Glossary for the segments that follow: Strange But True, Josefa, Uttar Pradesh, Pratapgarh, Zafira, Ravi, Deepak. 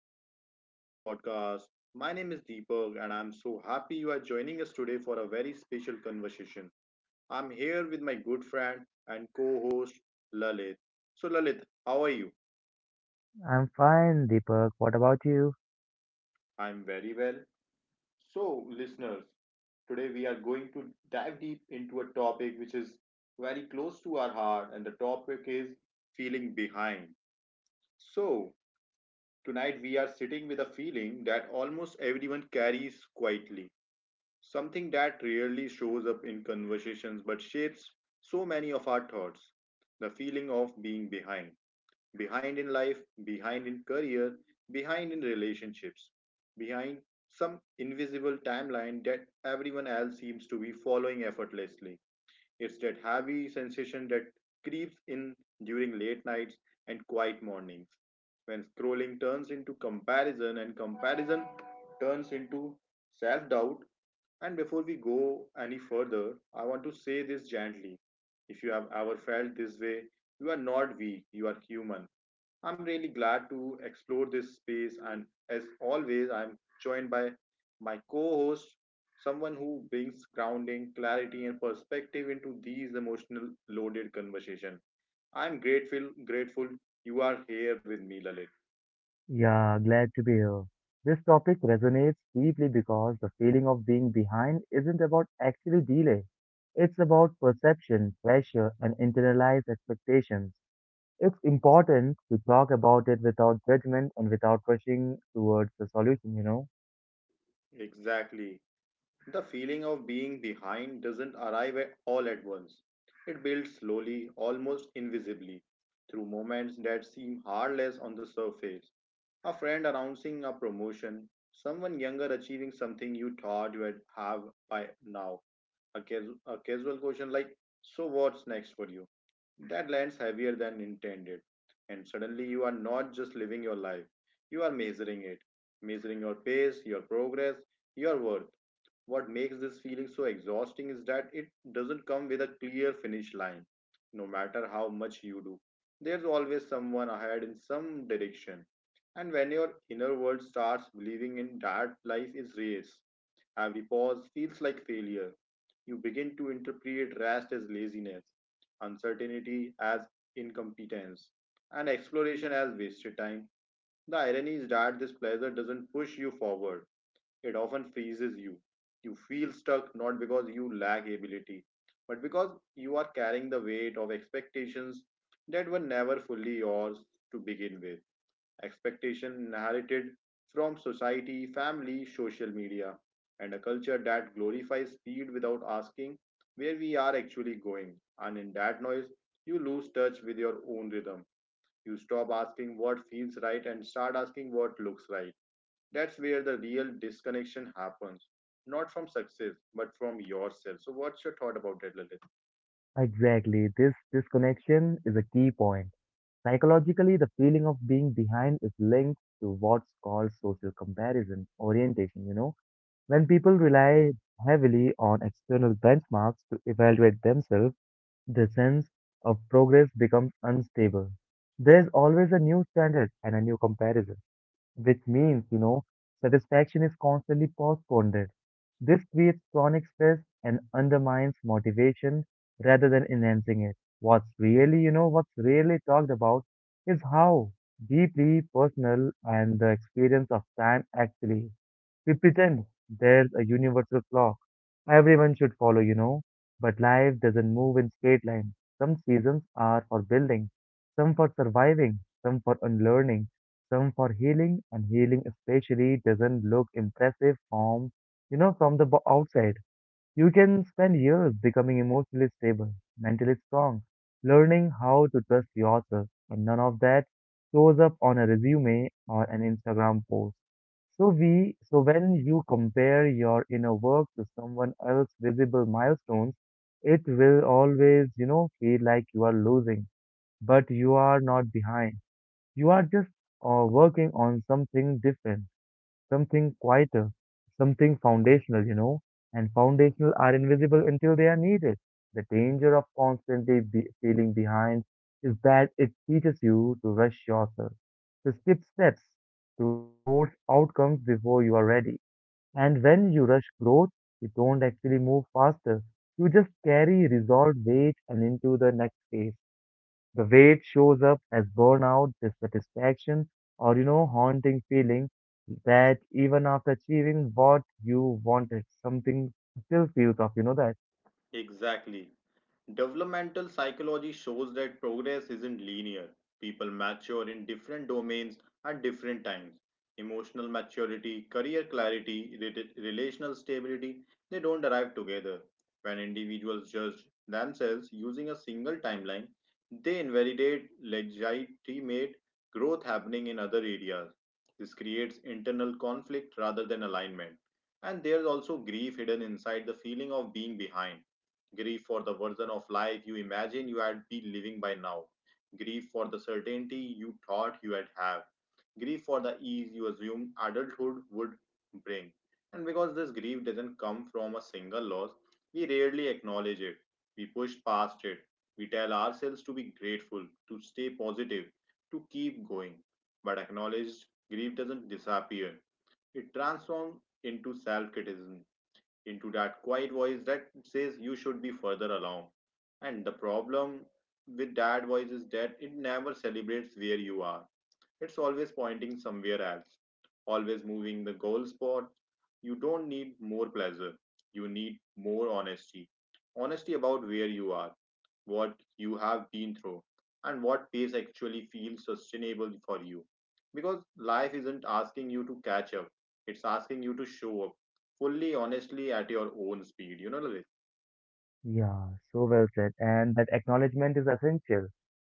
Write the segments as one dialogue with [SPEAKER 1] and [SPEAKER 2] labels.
[SPEAKER 1] and welcome to our podcast. My name is Deepak, and I'm so happy you are joining us today for a very special conversation. I'm here with my good friend and co host Lalit. So, Lalit, how are you?
[SPEAKER 2] I'm fine, Deepak. What about you?
[SPEAKER 1] I'm very well. So, listeners, today we are going to dive deep into a topic which is very close to our heart, and the topic is feeling behind. So, tonight we are sitting with a feeling that almost everyone carries quietly. Something that rarely shows up in conversations but shapes so many of our thoughts. The feeling of being behind. Behind in life, behind in career, behind in relationships, behind some invisible timeline that everyone else seems to be following effortlessly. It's that heavy sensation that creeps in during late nights and quiet mornings, when scrolling turns into comparison and comparison turns into self doubt. And before we go any further, I want to say this gently. If you have ever felt this way, you are not weak, you are human. I'm really glad to explore this space, and as always, I'm joined by my co host, someone who brings grounding, clarity, and perspective into these emotional loaded conversation. I'm grateful you are here with me, Lalit.
[SPEAKER 2] Yeah, glad to be here. This topic resonates deeply because the feeling of being behind isn't about actually delay. It's about perception, pressure, and internalized expectations. It's important to talk about it without judgment and without rushing towards the solution, you know?
[SPEAKER 1] Exactly. The feeling of being behind doesn't arrive at all at once. It builds slowly, almost invisibly, through moments that seem harmless on the surface. A friend announcing a promotion, someone younger achieving something you thought you had have by now. A casual question like, so what's next for you? That lands heavier than intended. And suddenly you are not just living your life, you are measuring it, measuring your pace, your progress, your worth. What makes this feeling so exhausting is that it doesn't come with a clear finish line, no matter how much you do. There's always someone ahead in some direction. And when your inner world starts believing in that life is race, every pause feels like failure. You begin to interpret rest as laziness, uncertainty as incompetence, and exploration as wasted time. The irony is that this pleasure doesn't push you forward, it often freezes you. You feel stuck not because you lack ability, but because you are carrying the weight of expectations that were never fully yours to begin with. Expectation inherited from society, family, social media, and a culture that glorifies speed without asking where we are actually going. And in that noise, you lose touch with your own rhythm. You stop asking what feels right and start asking what looks right. That's where the real disconnection happens, not from success but from yourself. So what's your thought about that, Lalit?
[SPEAKER 2] Exactly. This disconnection is a key point. Psychologically, the feeling of being behind is linked to what's called social comparison orientation, you know? When people rely heavily on external benchmarks to evaluate themselves, the sense of progress becomes unstable. There's always a new standard and a new comparison, which means, you know, satisfaction is constantly postponed. This creates chronic stress and undermines motivation rather than enhancing it. What's really talked about is how deeply personal and the experience of time actually is. We pretend there's a universal clock everyone should follow, you know, but life doesn't move in straight lines. Some seasons are for building, some for surviving, some for unlearning, some for healing, and healing especially doesn't look impressive from, from the outside. You can spend years becoming emotionally stable, mentally strong, learning how to trust yourself, and none of that shows up on a resume or an Instagram post. So when you compare your inner work to someone else's visible milestones, it will always, you know, feel like you are losing, but you are not behind. You are just working on something different, something quieter, something foundational, you know, and foundational are invisible until they are needed. The danger of constantly be feeling behind is that it teaches you to rush yourself, to skip steps, to force outcomes before you are ready. And when you rush growth, you don't actually move faster. You just carry resolved weight and into the next phase. The weight shows up as burnout, dissatisfaction, or you know, haunting feeling that even after achieving what you wanted, something still feels off, you know that?
[SPEAKER 1] Exactly. Developmental psychology shows that progress isn't linear. People mature in different domains at different times. Emotional maturity, career clarity, relational stability, they don't arrive together. When individuals judge themselves using a single timeline, they invalidate legitimate growth happening in other areas. This creates internal conflict rather than alignment. And there's also grief hidden inside the feeling of being behind. Grieve for the version of life you imagine you had been living by now. Grieve for the certainty you thought you had have. Grieve for the ease you assumed adulthood would bring. And because this grief doesn't come from a single loss, we rarely acknowledge it. We push past it. We tell ourselves to be grateful, to stay positive, to keep going. But acknowledged grief doesn't disappear. It transforms into self criticism, into that quiet voice that says you should be further along. And the problem with that voice is that it never celebrates where you are. It's always pointing somewhere else, always moving the goal spot. You don't need more pleasure, you need more honesty. Honesty about where you are, what you have been through, and what pace actually feels sustainable for you. Because life isn't asking you to catch up, it's asking you to show up fully, honestly, at your own speed. You know,
[SPEAKER 2] Yeah, so well said. And that acknowledgement is essential.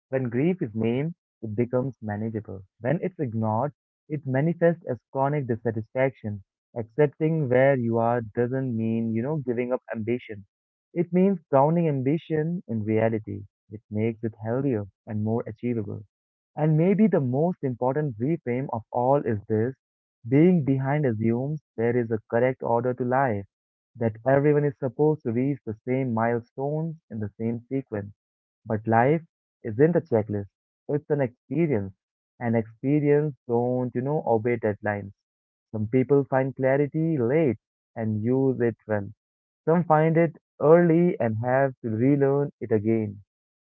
[SPEAKER 2] When grief is named, it becomes manageable. When it's ignored, it manifests as chronic dissatisfaction. Accepting where you are doesn't mean, you know, giving up ambition. It means grounding ambition in reality, which makes it healthier and more achievable. And maybe the most important reframe of all is this: being behind assumes there is a correct order to life, that everyone is supposed to reach the same milestones in the same sequence. But life isn't a checklist, it's an experience. And experience don't, you know, obey deadlines. Some people find clarity late and use it well. Some find it early and have to relearn it again.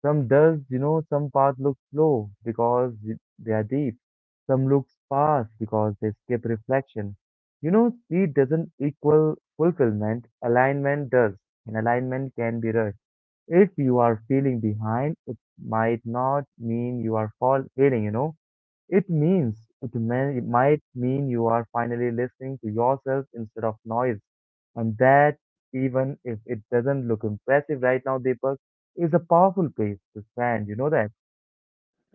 [SPEAKER 2] Some does, you know, some paths look slow because they are deep. Some looks fast because they skip reflection. You know, speed doesn't equal fulfillment, alignment does, and alignment can be rushed. If you are feeling behind, it might not mean you are fall failing, you know. It means it might mean you are finally listening to yourself instead of noise. And that, even if it doesn't look impressive right now, Deepak, is a powerful place to stand. You know that?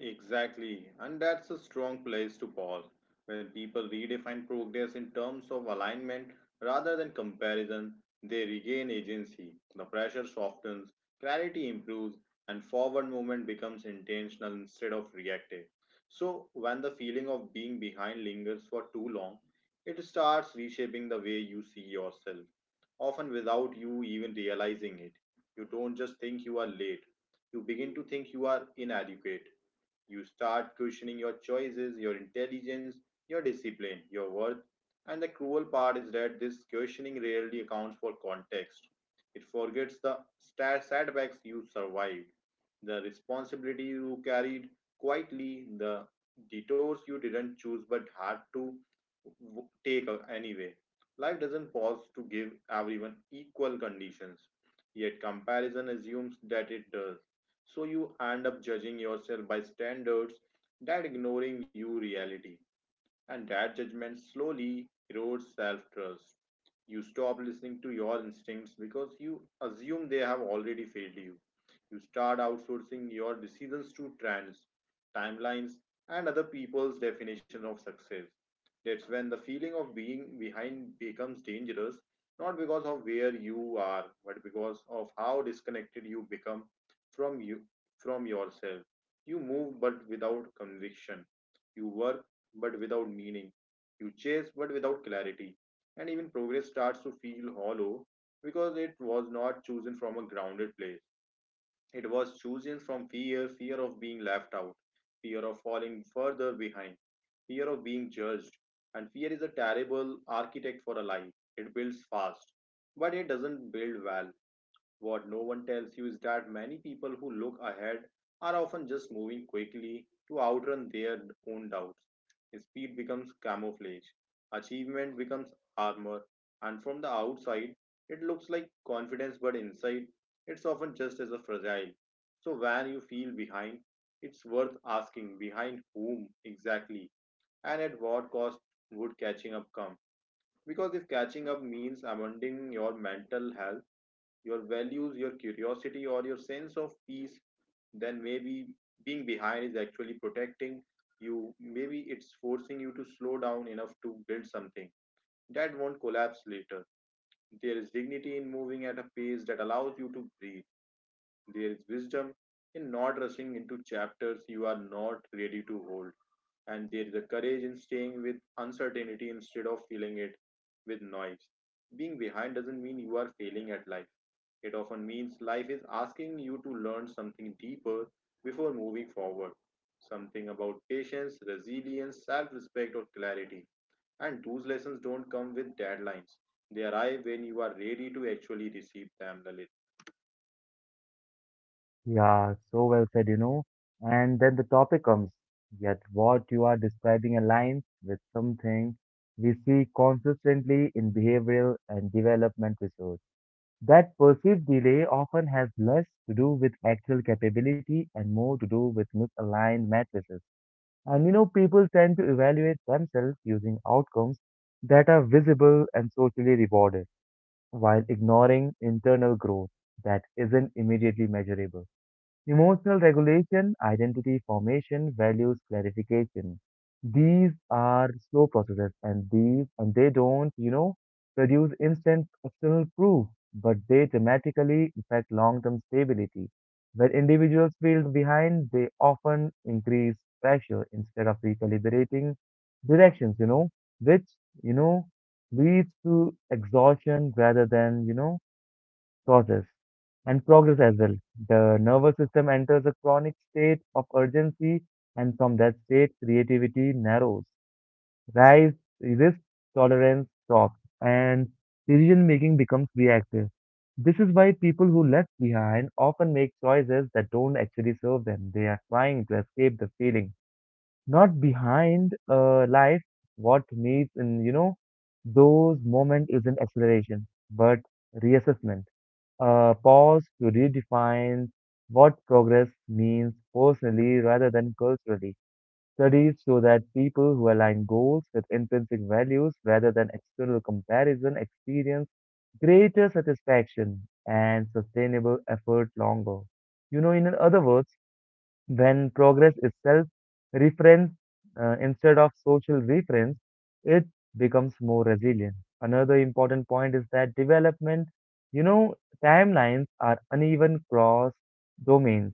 [SPEAKER 1] exactly, and that's a strong place to pause when people redefine progress in terms of alignment rather than comparison. They regain agency, the pressure softens, clarity improves, and forward movement becomes intentional instead of reactive. So, when the feeling of being behind lingers for too long, it starts reshaping the way you see yourself, often without you even realizing it. You don't just think you are late, you begin to think you are inadequate. You start questioning your choices, your intelligence, your discipline, your worth. And the cruel part is that this questioning rarely accounts for context. It forgets the setbacks you survived, the responsibility you carried quietly, the detours you didn't choose but had to take anyway. Life doesn't pause to give everyone equal conditions, yet comparison assumes that it does. So you end up judging yourself by standards that ignoring you reality. And that judgment slowly erodes self trust. You stop listening to your instincts because you assume they have already failed you. You start outsourcing your decisions to trends, timelines, and other people's definition of success. That's when the feeling of being behind becomes dangerous, not because of where you are, but because of how disconnected you become from you, from yourself. You move but without conviction, you work but without meaning. You chase but without clarity. And even progress starts to feel hollow because it was not chosen from a grounded place. It was chosen from fear, fear of being left out, fear of falling further behind, fear of being judged. And fear is a terrible architect for a life. It builds fast, but it doesn't build well. What no one tells you is that many people who look ahead are often just moving quickly to outrun their own doubts. Speed becomes camouflage, achievement becomes armor, and from the outside, it looks like confidence, but inside, it's often just as a fragile. So when you feel behind, it's worth asking behind whom exactly, and at what cost would catching up come? Because if catching up means abandoning your mental health, your values, your curiosity, or your sense of peace, then maybe being behind is actually protecting you. Maybe it's forcing you to slow down enough to build something that won't collapse later. There is dignity in moving at a pace that allows you to breathe. There is wisdom in not rushing into chapters you are not ready to hold. And there is a courage in staying with uncertainty instead of filling it with noise. Being behind doesn't mean you are failing at life. It often means life is asking you to learn something deeper before moving forward, something about patience, resilience, self respect, or clarity. And those lessons don't come with deadlines, they arrive when you are ready to actually receive them, Lalit.
[SPEAKER 2] Yeah, so well said, you know. And then the topic comes. Yet what you are describing aligns with something we see consistently in behavioral and development research. That perceived delay often has less to do with actual capability and more to do with misaligned matrices. And you know, people tend to evaluate themselves using outcomes that are visible and socially rewarded, while ignoring internal growth that isn't immediately measurable. Emotional regulation, identity formation, values clarification. These are slow processes and these and they don't, you know, produce instant external proof, but they dramatically affect long-term stability. When individuals feel behind, they often increase pressure instead of recalibrating directions, you know, which, you know, leads to exhaustion rather than, you know, causes and progress as well. The nervous system enters a chronic state of urgency, and from that state, creativity narrows. Rise, risk tolerance drops, and decision making becomes reactive. This is why people who left behind often make choices that don't actually serve them. They are trying to escape the feeling, not behind life. What needs in you know those moment isn't acceleration, but reassessment, pause to redefine what progress means personally rather than culturally. Studies show that people who align goals with intrinsic values rather than external comparison experience greater satisfaction and sustainable effort longer. You know, in other words, when progress is self reference instead of social reference, it becomes more resilient. Another important point is that development, you know, timelines are uneven across domains.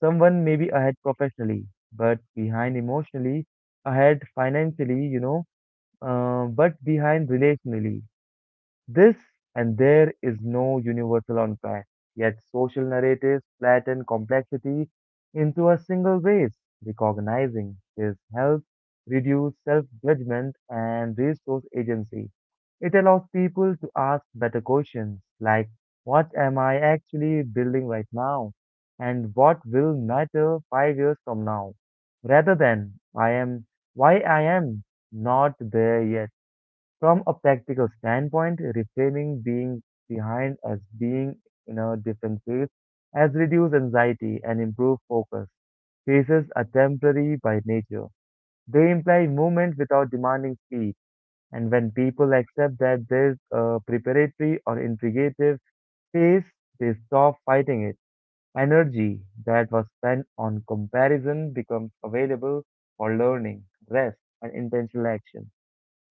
[SPEAKER 2] Someone may be ahead professionally, but behind emotionally, ahead financially, you know, but behind relationally. This and there is no universal unpack, yet social narratives flatten complexity into a single base. Recognizing this helps reduce self judgment and restores agency. It allows people to ask better questions like, "What am I actually building right now? And what will matter 5 years from now?" Rather than, "Why I am not there yet?" From a practical standpoint, reframing being behind as being in a different phase has reduced anxiety and improved focus. Phases are temporary by nature. They imply movement without demanding speed. And when people accept that there's a preparatory or integrative phase, they stop fighting it. Energy that was spent on comparison becomes available for learning, rest, and intentional action.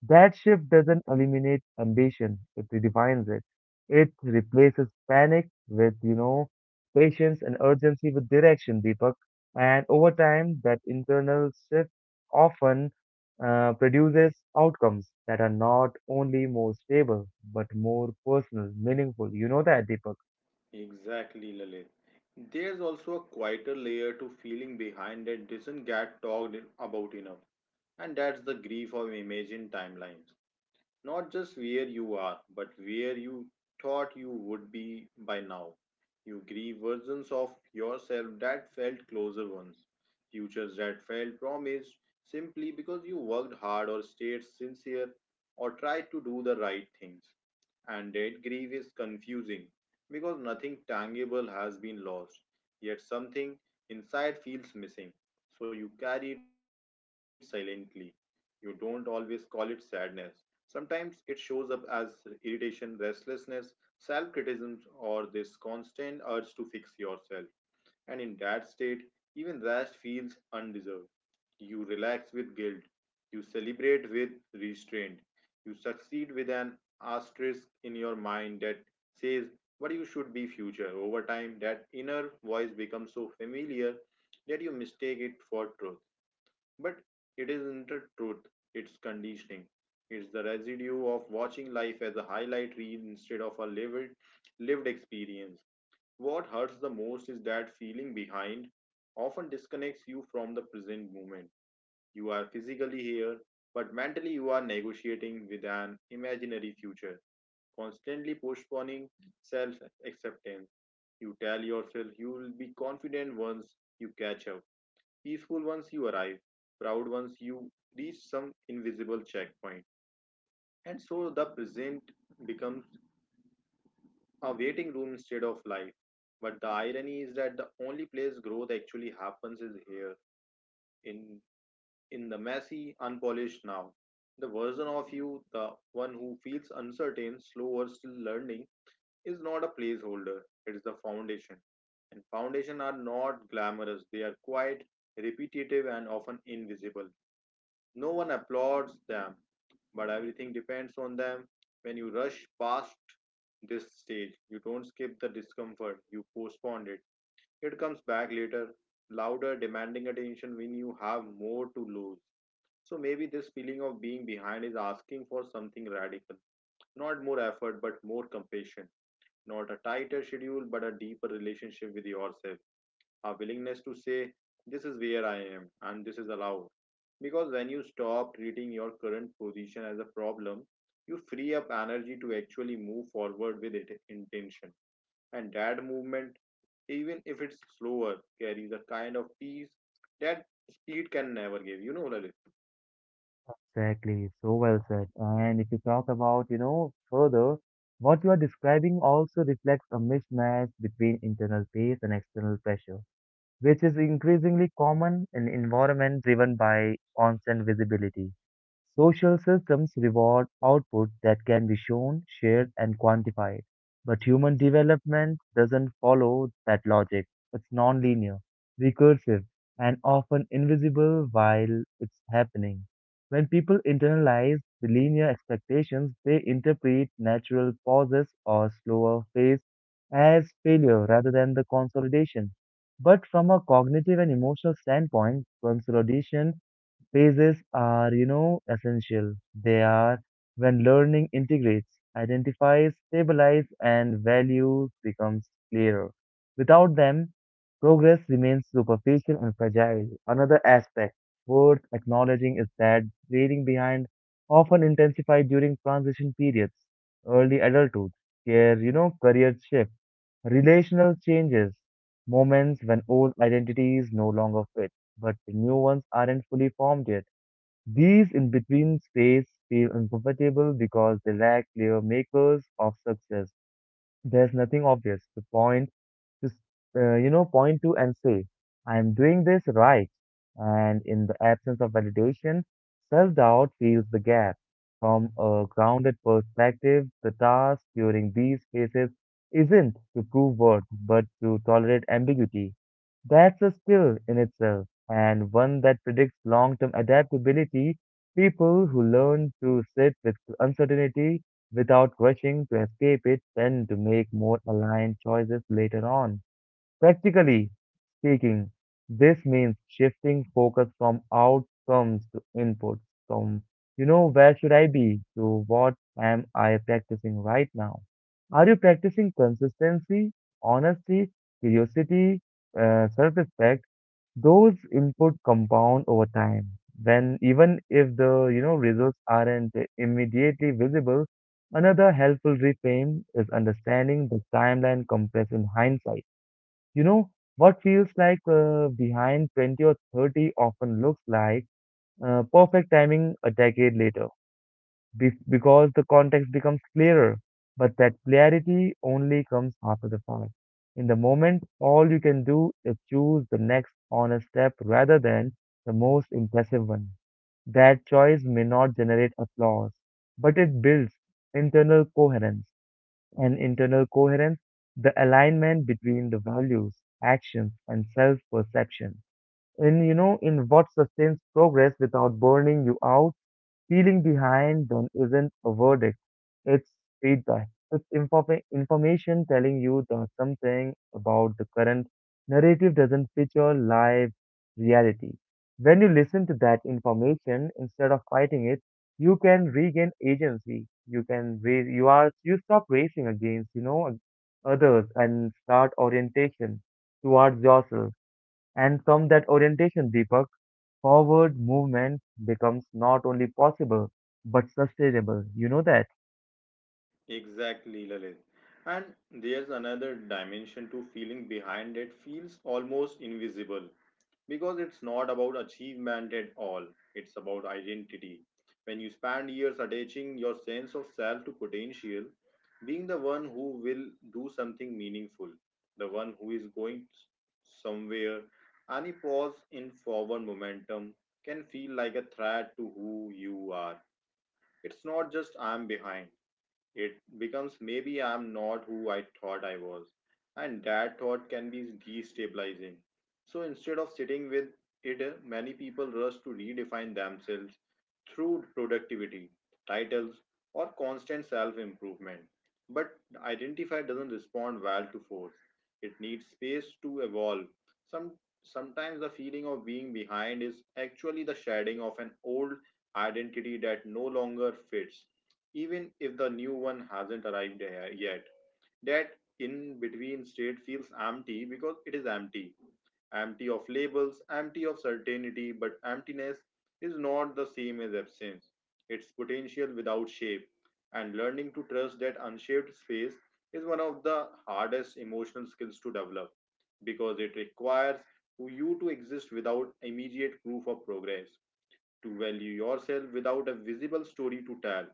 [SPEAKER 2] That shift doesn't eliminate ambition, it redefines it. It replaces panic with, you know, patience and urgency with direction, Deepak. And over time, that internal shift often produces outcomes that are not only more stable, but more personal, meaningful. You know that, Deepak?
[SPEAKER 1] Exactly, Lalit. There's also a quieter layer to feeling behind that doesn't get talked about enough, and that's the grief of imagined timelines. Not just where you are, but where you thought you would be by now. You grieve versions of yourself that felt closer once, futures that felt promised simply because you worked hard or stayed sincere or tried to do the right things. And that grief is confusing because nothing tangible has been lost, yet something inside feels missing. So you carry it silently. You don't always call it sadness. Sometimes it shows up as irritation, restlessness, self criticism, or this constant urge to fix yourself. And in that state, even rest feels undeserved. You relax with guilt, you celebrate with restraint, you succeed with an asterisk in your mind that says what you should be future. Over time, that inner voice becomes so familiar that you mistake it for truth. But it isn't the truth, it's conditioning. It's the residue of watching life as a highlight reel instead of a lived experience. What hurts the most is that feeling behind often disconnects you from the present moment. You are physically here, but mentally you are negotiating with an imaginary future, constantly postponing self acceptance. You tell yourself you will be confident once you catch up, peaceful once you arrive, proud once you reach some invisible checkpoint. And so the present becomes a waiting room instead of life. But the irony is that the only place growth actually happens is here, in in the messy, unpolished now. The version of you, the one who feels uncertain, slow or still learning, is not a placeholder. It is the foundation. And foundations are not glamorous. They are quite repetitive and often invisible. No one applauds them, but everything depends on them. When you rush past this stage, you don't skip the discomfort, you postpone it. It comes back later, louder, demanding attention when you have more to lose. So maybe this feeling of being behind is asking for something radical. Not more effort, but more compassion. Not a tighter schedule, but a deeper relationship with yourself, a willingness to say, "This is where I am and this is allowed." Because when you stop treating your current position as a problem, you free up energy to actually move forward with it intention. And that movement, even if it's slower, carries a kind of peace that speed can never give. You know, Lalit?
[SPEAKER 2] Exactly, so well said. And if you talk about, you know, further, what you are describing also reflects a mismatch between internal pace and external pressure, which is increasingly common in environments driven by constant visibility. Social systems reward output that can be shown, shared, and quantified. But human development doesn't follow that logic. It's nonlinear, recursive, and often invisible while it's happening. When people internalize the linear expectations, they interpret natural pauses or slower phase as failure rather than the consolidation. But from a cognitive and emotional standpoint, consolidation phases are, you know, essential. They are when learning integrates, identifies, stabilizes, and values becomes clearer. Without them, progress remains superficial and fragile. Another aspect worth acknowledging is that waiting behind often intensifies during transition periods, early adulthood, care, you know, career shift, relational changes, moments when old identities no longer fit, but the new ones aren't fully formed yet. These in between space feel uncomfortable because they lack clear makers of success. There's nothing obvious to point to, point to and say, "I am doing this right." And in the absence of validation, self doubt fills the gap. From a grounded perspective, the task during these phases isn't to prove worth, but to tolerate ambiguity. That's a skill in itself, and one that predicts long term adaptability. People who learn to sit with uncertainty without rushing to escape it tend to make more aligned choices later on. Practically speaking, this means shifting focus from outcomes to inputs, from, you know, where should I be to what am I practicing right now? Are you practicing consistency, honesty, curiosity, self respect? Those input compound over time. When even if the you know results aren't immediately visible, another helpful reframe is understanding the timeline compressed in hindsight, you know, what feels like behind 20 or 30 often looks like perfect timing a decade later because the context becomes clearer. But that clarity only comes after the fact. In the moment, all you can do is choose the next honest step rather than the most impressive one. That choice may not generate applause, but it builds internal coherence and internal coherence, the alignment between the values, actions, and self perception. And you know, in what sustains progress without burning you out. Feeling behind then isn't a verdict, it's feedback. It's information telling you that something about the current narrative doesn't fit your live reality. When you listen to that information instead of fighting it, you can regain agency. You can raise, you are, You stop racing against, you know, others and start orientation towards yourself. And from that orientation, Deepak, forward movement becomes not only possible but sustainable. You know that?
[SPEAKER 1] Exactly, Lalit. And there's another dimension to feeling behind that feels almost invisible, because it's not about achievement at all. It's about identity. When you spend years attaching your sense of self to potential, being the one who will do something meaningful, the one who is going somewhere, any pause in forward momentum can feel like a threat to who you are. It's not just "I'm behind," it becomes "maybe I'm not who I thought I was." And that thought can be destabilizing. So instead of sitting with it, many people rush to redefine themselves through productivity, titles, or constant self improvement. But identify doesn't respond well to force. It needs space to evolve. Some, Sometimes the feeling of being behind is actually the shedding of an old identity that no longer fits, even if the new one hasn't arrived yet. That in between state feels empty because it is empty. Empty of labels, empty of certainty, but emptiness is not the same as absence. It's potential without shape. And learning to trust that unshaped space is one of the hardest emotional skills to develop, because it requires you to exist without immediate proof of progress, to value yourself without a visible story to tell.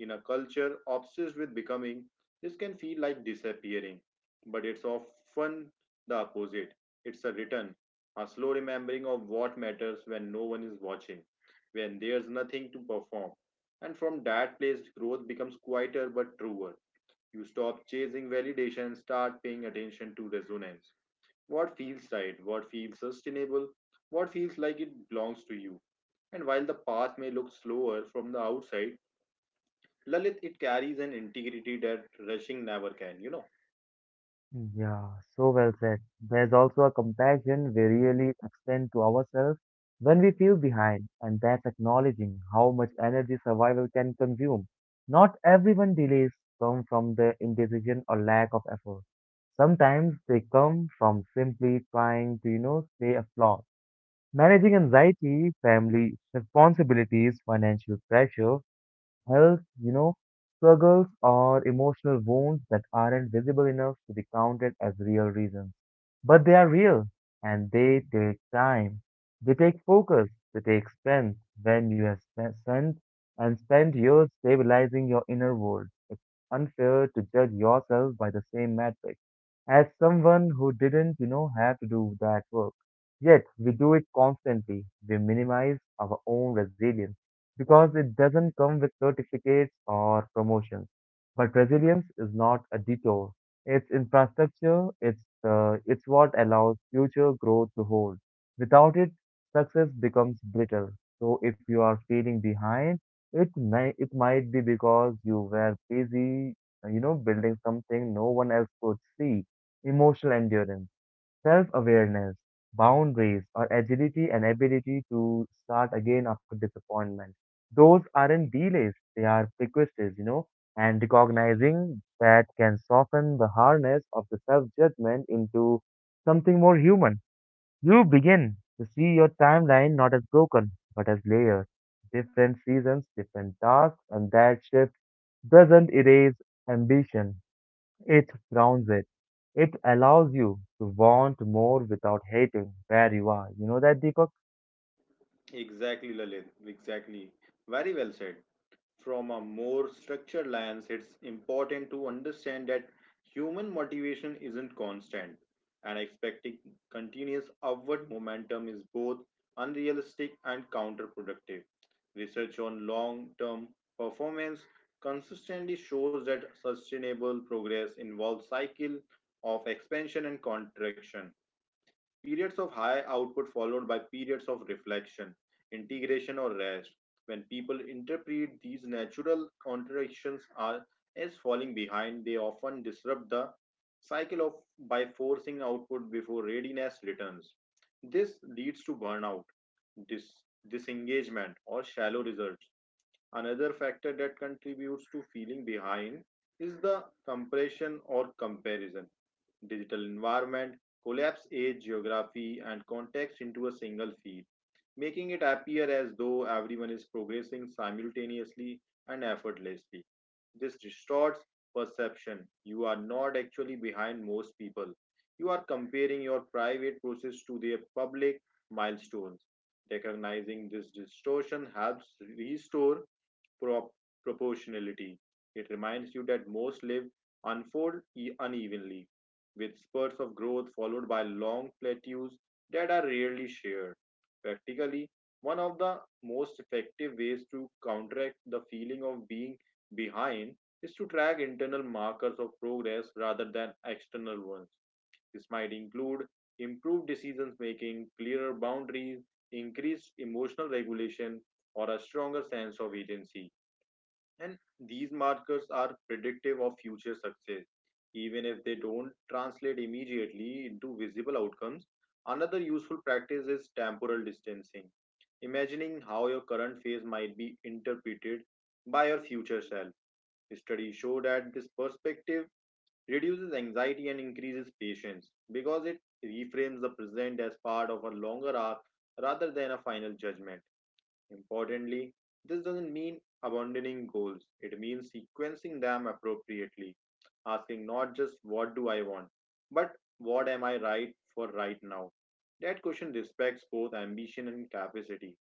[SPEAKER 1] In a culture obsessed with becoming, this can feel like disappearing, but it's often the opposite. It's a return, a slow remembering of what matters when no one is watching, when there's nothing to perform. And from that place, growth becomes quieter but truer. You stop chasing validation and start paying attention to resonance. What feels right, what feels sustainable, what feels like it belongs to you. And while the path may look slower from the outside, Lalit, it carries an integrity that rushing never can, you know.
[SPEAKER 2] Yeah, so well said. There's also a compassion we really extend to ourselves when we feel behind, and that's acknowledging how much energy survival can consume. Not everyone delays come from the indecision or lack of effort. Sometimes they come from simply trying to, you know, stay afloat. Managing anxiety, family responsibilities, financial pressure, health, you know, struggles or emotional wounds that aren't visible enough to be counted as real reasons. But they are real and they take time. They take focus, they take strength. When you have spent years stabilizing your inner world, it's unfair to judge yourself by the same metric as someone who didn't, you know, have to do that work. Yet we do it constantly. We minimize our own resilience because it doesn't come with certificates or promotions. But resilience is not a detour. It's infrastructure. It's what allows future growth to hold. Without it, success becomes brittle. So if you are feeling behind, it may it might be because you were busy, building something no one else could see. Emotional endurance. Self-awareness, boundaries, or agility and ability to start again after disappointment. Those aren't delays, they are precursors, you know, and recognizing that can soften the harness of the self-judgment into something more human. You begin to see your timeline not as broken, but as layered. Different seasons, different tasks, and that shift doesn't erase ambition. It grounds it. It allows you to want more without hating where you are. You know that, Deepak?
[SPEAKER 1] Exactly, Lalit. Exactly. Very well said. From a more structured lens, it's important to understand that human motivation isn't constant, and expecting continuous upward momentum is both unrealistic and counterproductive. Research on long term performance consistently shows that sustainable progress involves cycles of expansion and contraction. Periods of high output followed by periods of reflection, integration, or rest. When people interpret these natural contradictions are, as falling behind, they often disrupt the cycle of by forcing output before readiness returns. This leads to burnout, dis- disengagement, or shallow results. Another factor that contributes to feeling behind is the compression or comparison. Digital environment collapse age, geography, and context into a single feed, making it appear as though everyone is progressing simultaneously and effortlessly. This distorts perception. You are not actually behind most people. You are comparing your private process to their public milestones. Recognizing this distortion helps restore prop- proportionality. It reminds you that most lives unfold unevenly, with spurts of growth followed by long plateaus that are rarely shared. Practically, one of the most effective ways to counteract the feeling of being behind is to track internal markers of progress rather than external ones. This might include improved decision making, clearer boundaries, increased emotional regulation, or a stronger sense of agency. And these markers are predictive of future success, even if they don't translate immediately into visible outcomes. Another useful practice is temporal distancing, imagining how your current phase might be interpreted by your future self. Studies show that this perspective reduces anxiety and increases patience because it reframes the present as part of a longer arc rather than a final judgment. Importantly, this doesn't mean abandoning goals, it means sequencing them appropriately, asking not just what do I want, but what am I right for right now. That question respects both ambition and capacity.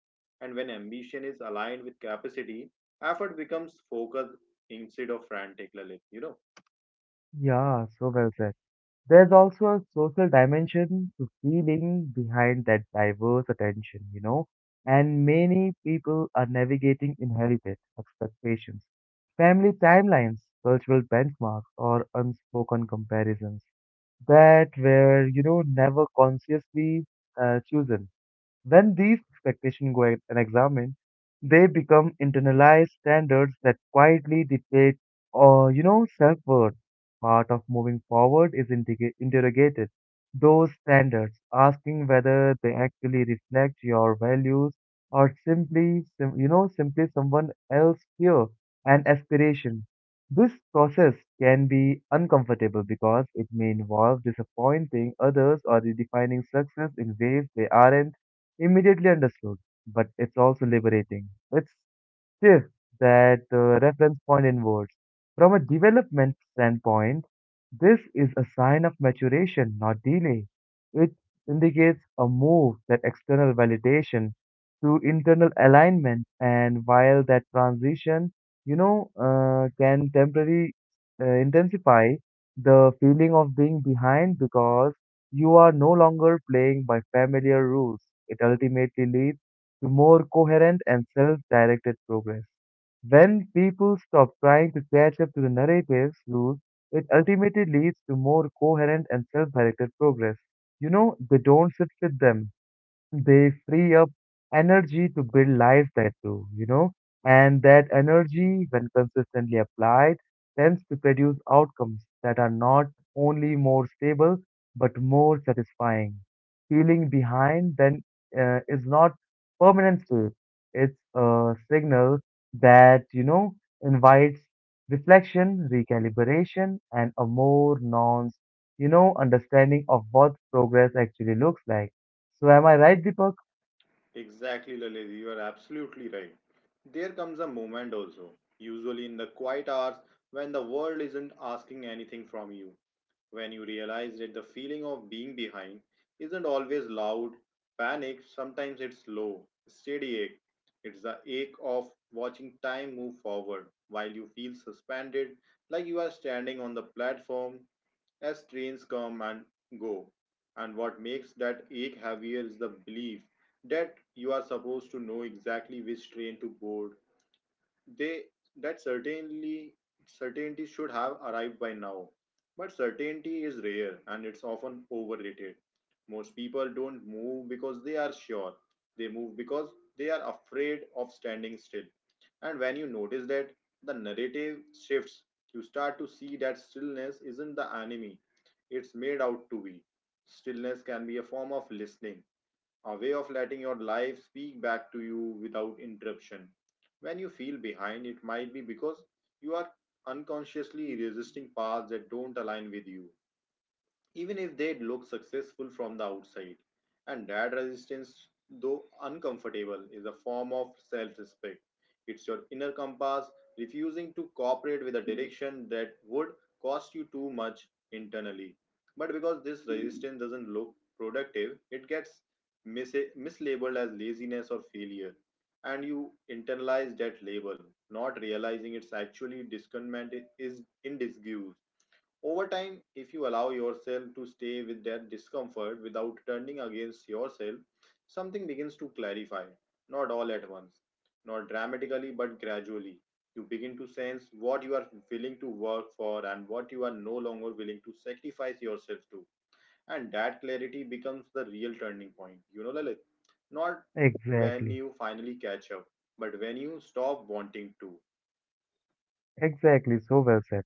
[SPEAKER 1] And when ambition is aligned with capacity, effort becomes focused instead of frantic, Lalit. You know,
[SPEAKER 2] Yeah, so well said. There's also a social dimension to feeling behind that diverse attention, you know, and many people are navigating inherited expectations, family timelines, cultural benchmarks, or unspoken comparisons that were, you know, never consciously chosen. When these expectations go unexamined, they become internalized standards that quietly dictate, or you know, self-worth. Part of moving forward is interrogated those standards, asking whether they actually reflect your values or simply, sim- you know, simply someone else's fear and aspiration. This process can be uncomfortable because it may involve disappointing others or redefining success in ways they aren't immediately understood, but it's also liberating. It's shift that reference point inwards. From a development standpoint, this is a sign of maturation, not delay. It indicates a move that external validation to internal alignment, and while that transition, can temporarily intensify the feeling of being behind because you are no longer playing by familiar rules. It ultimately leads to more coherent and self-directed progress. When people stop trying to catch up to the narrative's rules, it ultimately leads to more coherent and self-directed progress. You know, they don't sit with them they free up energy to build lives that do, you know, and that energy, when consistently applied, tends to produce outcomes that are not only more stable but more satisfying. Feeling behind then is not permanent state; it's a signal that you know invites reflection, recalibration, and a more nuanced, you know, understanding of what progress actually looks like. So am I right, Deepak?
[SPEAKER 1] exactly, Lalit, you are absolutely right. There comes a moment also, usually in the quiet hours when the world isn't asking anything from you, when you realize that the feeling of being behind isn't always loud panic. Sometimes it's low steady ache. It's the ache of watching time move forward while you feel suspended, like you are standing on the platform as trains come and go. And what makes that ache heavier is the belief that you are supposed to know exactly which train to board. They That certainly, certainty should have arrived by now. But certainty is rare and it's often overrated. Most people don't move because they are sure, they move because they are afraid of standing still. And when you notice that, the narrative shifts. You start to see that stillness isn't the enemy it's made out to be. Stillness can be a form of listening, a way of letting your life speak back to you without interruption. When you feel behind, it might be because you are unconsciously resisting paths that don't align with you, even if they look successful from the outside. And that resistance, though uncomfortable, is a form of self respect. It's your inner compass refusing to cooperate with a direction that would cost you too much internally. But because this resistance doesn't look productive, it gets mislabeled as laziness or failure. And you internalize that label, not realizing it's actually discernment is in disguise. Over time, if you allow yourself to stay with that discomfort without turning against yourself, something begins to clarify, not all at once, not dramatically, but gradually. You begin to sense what you are willing to work for and what you are no longer willing to sacrifice yourself to. And that clarity becomes the real turning point. You know, Lalit, not when
[SPEAKER 2] Exactly.
[SPEAKER 1] you finally catch up, but when you stop wanting to.
[SPEAKER 2] Exactly. So well said.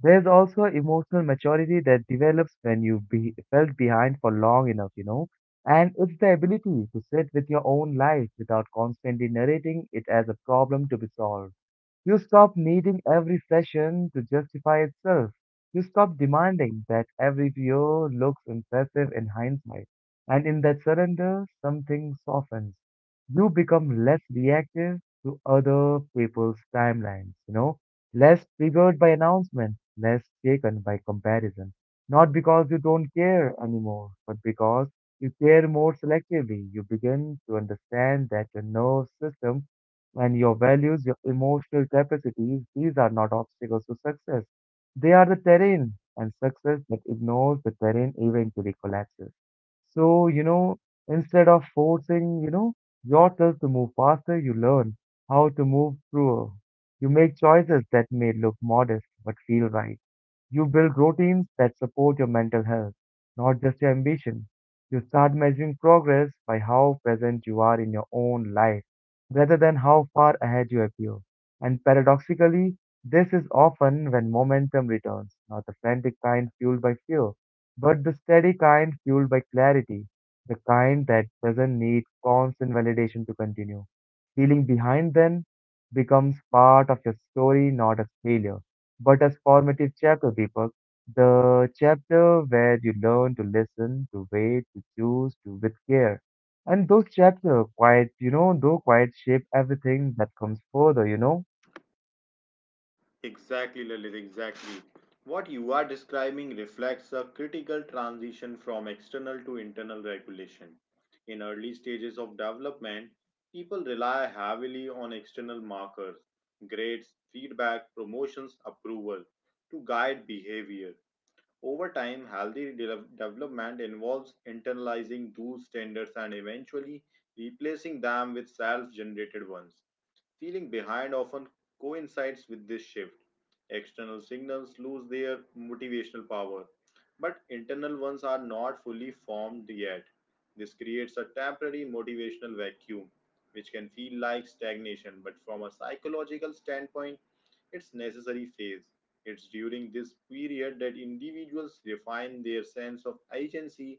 [SPEAKER 2] There's also emotional maturity that develops when you've be felt behind for long enough, you know. And it's the ability to sit with your own life without constantly narrating it as a problem to be solved. You stop needing every session to justify itself. You stop demanding that every PO looks impressive in hindsight. And in that surrender, something softens. You become less reactive to other people's timelines, you know, less triggered by announcements, less shaken by comparison. Not because you don't care anymore, but because you care more selectively. You begin to understand that your nervous system and your values, your emotional capacities, these are not obstacles to success. They are the terrain, and success that ignores the terrain eventually collapses. So, you know, instead of forcing, you know, yourself to move faster, you learn how to move through. You make choices that may look modest but feel right. You build routines that support your mental health, not just your ambition. You start measuring progress by how present you are in your own life rather than how far ahead you appear. And paradoxically, this is often when momentum returns, not the frantic kind fueled by fear, but the steady kind fueled by clarity, the kind that doesn't need constant validation to continue. Feeling behind then becomes part of your story, not a failure but as formative chapter, Deepak, the chapter where you learn to listen, to wait, to choose, to with care. And those chapters quite, you know, though quite shape everything that comes further, you know?
[SPEAKER 1] Exactly, Lalit, exactly. What you are describing reflects a critical transition from external to internal regulation. In early stages of development, people rely heavily on external markers, grades, feedback, promotions, approval, to guide behavior. Over time, healthy development involves internalizing those standards and eventually replacing them with self generated ones. Feeling behind often coincides with this shift. External signals lose their motivational power, but internal ones are not fully formed yet. This creates a temporary motivational vacuum, which can feel like stagnation, but from a psychological standpoint, its necessary phase. It's during this period that individuals refine their sense of agency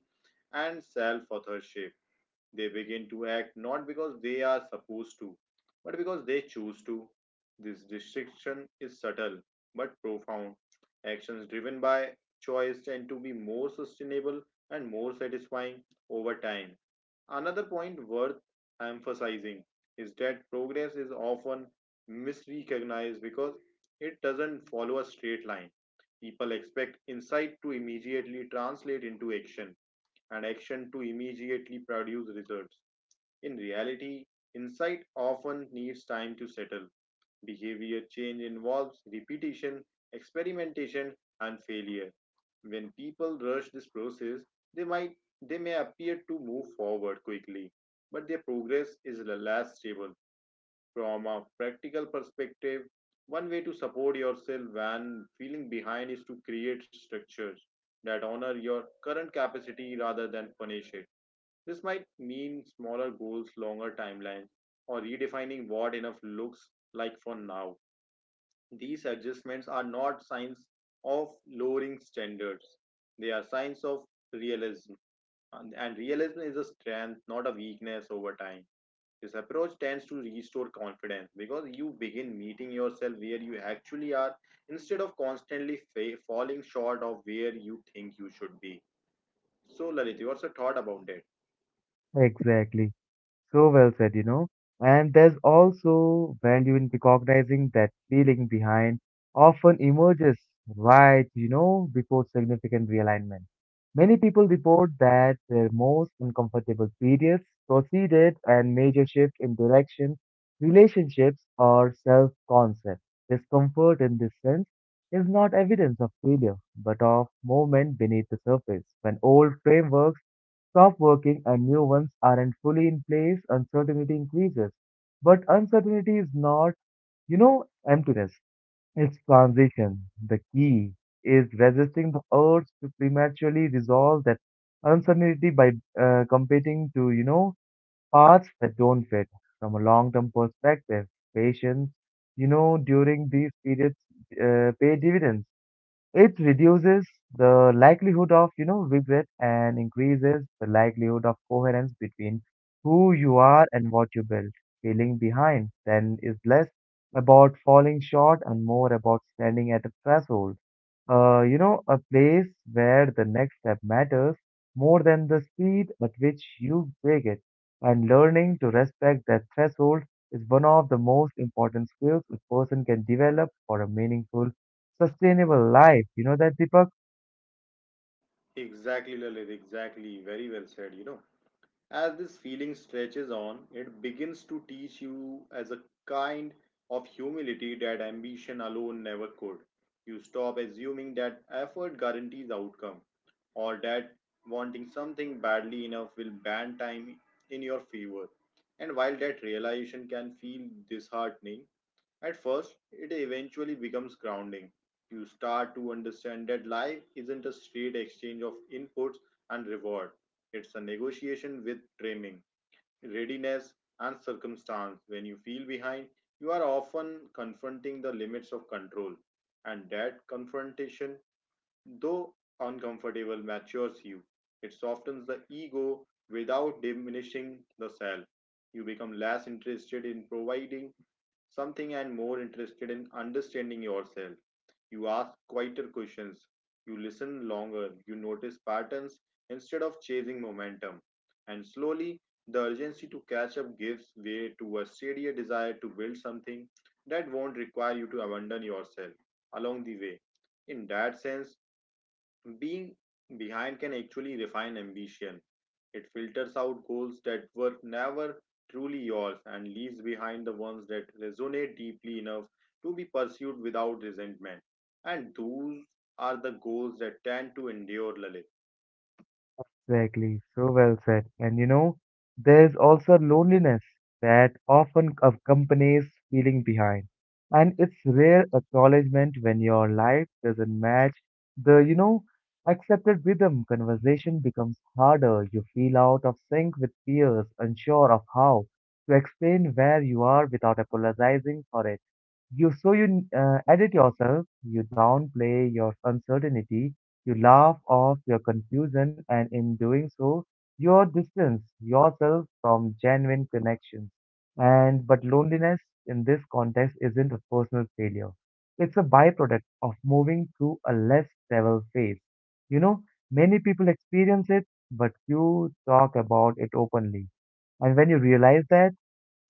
[SPEAKER 1] and self authorship. They begin to act not because they are supposed to, but because they choose to. This distinction is subtle but profound. Actions driven by choice tend to be more sustainable and more satisfying over time. Another point worth emphasizing is that progress is often misrecognized because it doesn't follow a straight line. People expect insight to immediately translate into action and action to immediately produce results. In reality, insight often needs time to settle. Behavior change involves repetition, experimentation, and failure. When people rush this process, they might they may appear to move forward quickly, but their progress is less stable. From a practical perspective, one way to support yourself when feeling behind is to create structures that honor your current capacity rather than punish it. This might mean smaller goals, longer timelines, or redefining what enough looks like for now. These adjustments are not signs of lowering standards, they are signs of realism. And realism is a strength, not a weakness over time. This approach tends to restore confidence because you begin meeting yourself where you actually are instead of constantly falling short of where you think you should be. So, Lalit, what's your thought about that?
[SPEAKER 2] Exactly. So well said, you know. And there's also value in recognizing that feeling behind often emerges right, you know, before significant realignment. Many people report that their most uncomfortable periods proceeded and major shift in direction, relationships, or self concept. Discomfort in this sense is not evidence of failure, but of movement beneath the surface when old frameworks stop working and new ones aren't fully in place, uncertainty increases. But uncertainty is not, you know, emptiness. It's transition. The key is resisting the urge to prematurely resolve that uncertainty by competing to, you know, paths that don't fit from a long-term perspective. Patience, you know, during these periods pay dividends. It reduces the likelihood of, you know, regret and increases the likelihood of coherence between who you are and what you build. Feeling behind then is less about falling short and more about standing at a threshold. A place where the next step matters more than the speed at which you take it. And learning to respect that threshold is one of the most important skills a person can develop for a meaningful sustainable life. You know that, Deepak?
[SPEAKER 1] Exactly, Lalit, exactly. Very well said, you know. As this feeling stretches on, it begins to teach you as a kind of humility that ambition alone never could. You stop assuming that effort guarantees outcome, or that wanting something badly enough will ban time in your favor. And while that realization can feel disheartening at first, it eventually becomes grounding. You start to understand that life isn't a straight exchange of inputs and reward. It's a negotiation with training, readiness, and circumstance. When you feel behind, you are often confronting the limits of control. And that confrontation, though uncomfortable, matures you. It softens the ego without diminishing the self. You become less interested in providing something and more interested in understanding yourself. You ask quieter questions, you listen longer, you notice patterns instead of chasing momentum. And slowly, the urgency to catch up gives way to a steadier desire to build something that won't require you to abandon yourself along the way. In that sense, being behind can actually refine ambition. It filters out goals that were never truly yours and leaves behind the ones that resonate deeply enough to be pursued without resentment. And those are the goals that tend to endure, Lalit.
[SPEAKER 2] Exactly. So well said. And you know, there's also loneliness that often accompanies feeling behind. And it's rare acknowledgement when your life doesn't match the, you know, accepted rhythm. Conversation becomes harder. You feel out of sync with peers, unsure of how to explain where you are without apologizing for it. You so you edit yourself, you downplay your uncertainty, you laugh off your confusion, and in doing so, you distance yourself from genuine connections. And but loneliness in this context isn't a personal failure; it's a byproduct of moving through a less traveled phase. You know, many people experience it, but few talk about it openly. And when you realize that,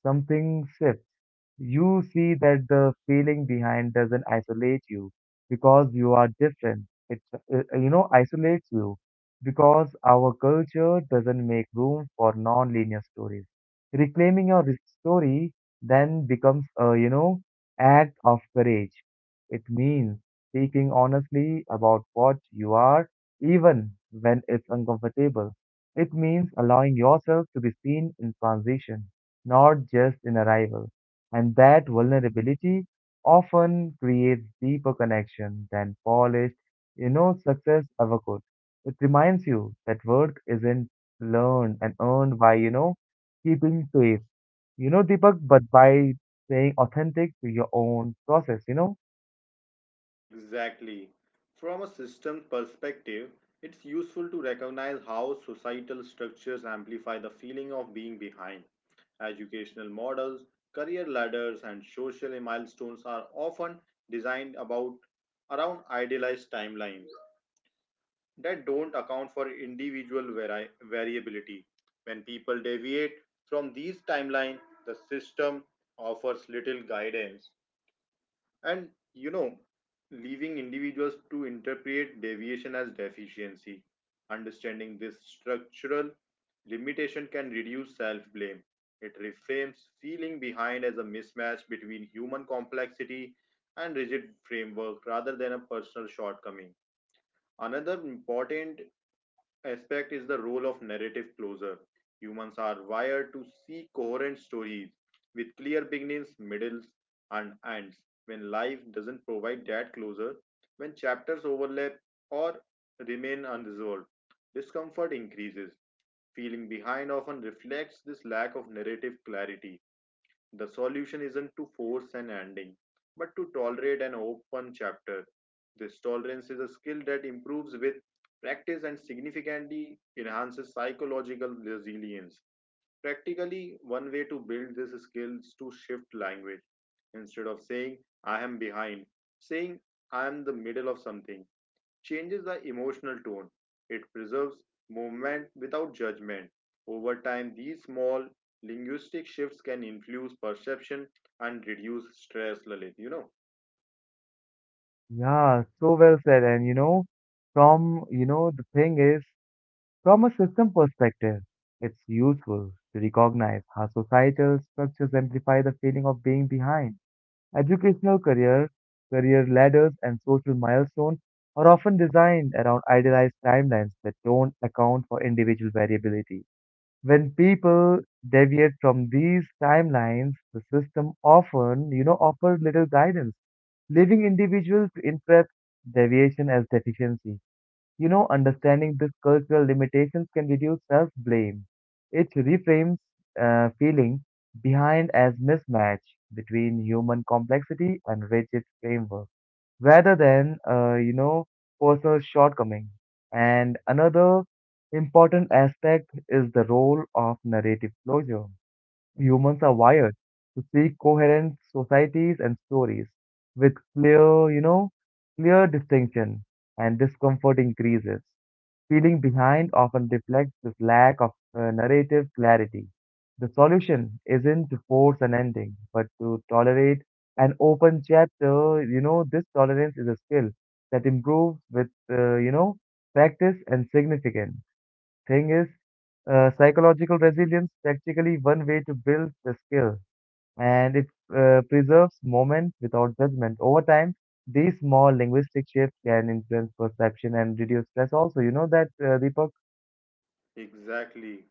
[SPEAKER 2] something shifts you see that the feeling behind doesn't isolate you because you are different. It, you know, isolates you because our culture doesn't make room for non-linear stories. Reclaiming your re- story then becomes a, you know, act of courage. It means speaking honestly about what you are, even when it's uncomfortable. It means allowing yourself to be seen in transition, not just in arrival. And that vulnerability often creates deeper connection than polished, you know, success ever could. It reminds you that worth isn't learned and earned by, you know, keeping pace, you know, Deepak, but by staying authentic to your own process, you know?
[SPEAKER 1] Exactly. From a system perspective, it's useful to recognize how societal structures amplify the feeling of being behind. Educational models, career ladders, and social milestones are often designed about around idealized timelines that don't account for individual variability. When people deviate from these timelines, the system offers little guidance and, you know, leaving individuals to interpret deviation as deficiency. Understanding this structural limitation can reduce self blame. It reframes feeling behind as a mismatch between human complexity and rigid framework rather than a personal shortcoming. Another important aspect is the role of narrative closure. Humans are wired to see coherent stories with clear beginnings, middles, and ends. When life doesn't provide that closure, when chapters overlap or remain unresolved, discomfort increases. Feeling behind often reflects this lack of narrative clarity. The solution isn't to force an ending, but to tolerate an open chapter. This tolerance is a skill that improves with practice and significantly enhances psychological resilience. Practically, one way to build this skill is to shift language. Instead of saying, I am behind, saying, I am the middle of something changes the emotional tone. It preserves movement without judgment. Over time, these small linguistic shifts can influence perception and reduce stress, Lalit.
[SPEAKER 2] Yeah, so well said. And, you know, from, you know, the thing is, from a system perspective, it's useful to recognize how societal structures amplify the feeling of being behind. Educational career, career ladders, and social milestones are often designed around idealized timelines that don't account for individual variability. When people deviate from these timelines, the system often, you know, offers little guidance, leaving individuals to interpret deviation as deficiency. You know, understanding these cultural limitations can reduce self blame. It reframes feeling behind as mismatch between human complexity and rigid framework rather than, personal shortcoming. And another important aspect is the role of narrative closure. Humans are wired to seek coherent societies and stories with clear, you know, clear distinction and discomfort increases. Feeling behind often reflects this lack of narrative clarity. The solution isn't to force an ending, but to tolerate an open chapter. You know, this tolerance is a skill that improves with, practice and significance. Thing is, psychological resilience practically one way to build the skill, and it preserves moment without judgment. Over time, these small linguistic shifts can influence perception and reduce stress. Also, you know that Deepak.
[SPEAKER 1] Exactly.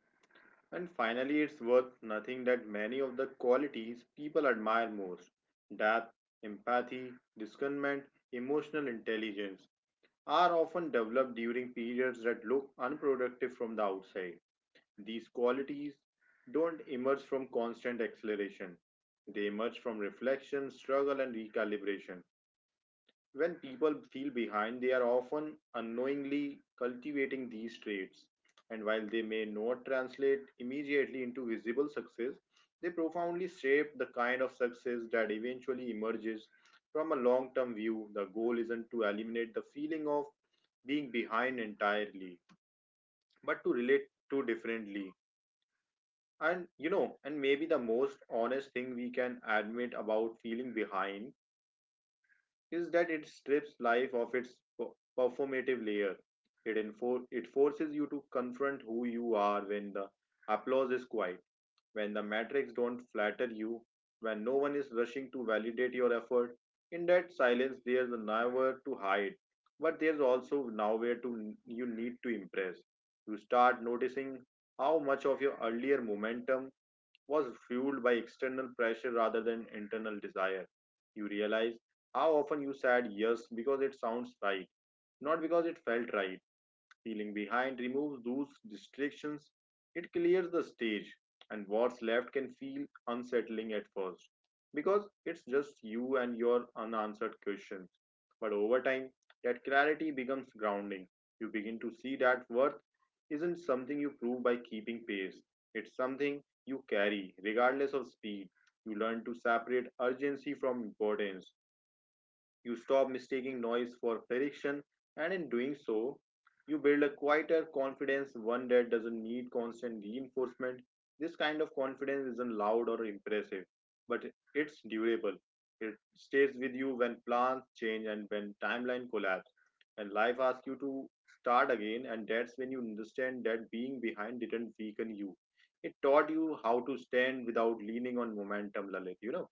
[SPEAKER 1] And finally, it's worth nothing that many of the qualities people admire most, depth, empathy, discernment, emotional intelligence, are often developed during periods that look unproductive from the outside. These qualities don't emerge from constant acceleration. They emerge from reflection, struggle, and recalibration. When people feel behind, they are often unknowingly cultivating these traits. And while they may not translate immediately into visible success, they profoundly shape the kind of success that eventually emerges. From a long term view, the goal isn't to eliminate the feeling of being behind entirely, but to relate to differently. And and maybe the most honest thing we can admit about feeling behind is that it strips life of its per- performative layer. It forces you to confront who you are when the applause is quiet, when the metrics don't flatter you, when no one is rushing to validate your effort. In that silence, there's nowhere to hide, but there's also nowhere to you need to impress. You start noticing how much of your earlier momentum was fueled by external pressure rather than internal desire. You realize how often you said yes because it sounds right, not because it felt right. Feeling behind removes those distractions, it clears the stage, and what's left can feel unsettling at first because it's just you and your unanswered questions. But over time, that clarity becomes grounding. You begin to see that worth isn't something you prove by keeping pace, it's something you carry, regardless of speed. You learn to separate urgency from importance, you stop mistaking noise for direction, and in doing so, you build a quieter confidence, one that doesn't need constant reinforcement. This kind of confidence isn't loud or impressive, but it's durable. It stays with you when plans change and when timeline collapse, and life asks you to start again, and that's when you understand that being behind didn't weaken you. It taught you how to stand without leaning on momentum, Lalit,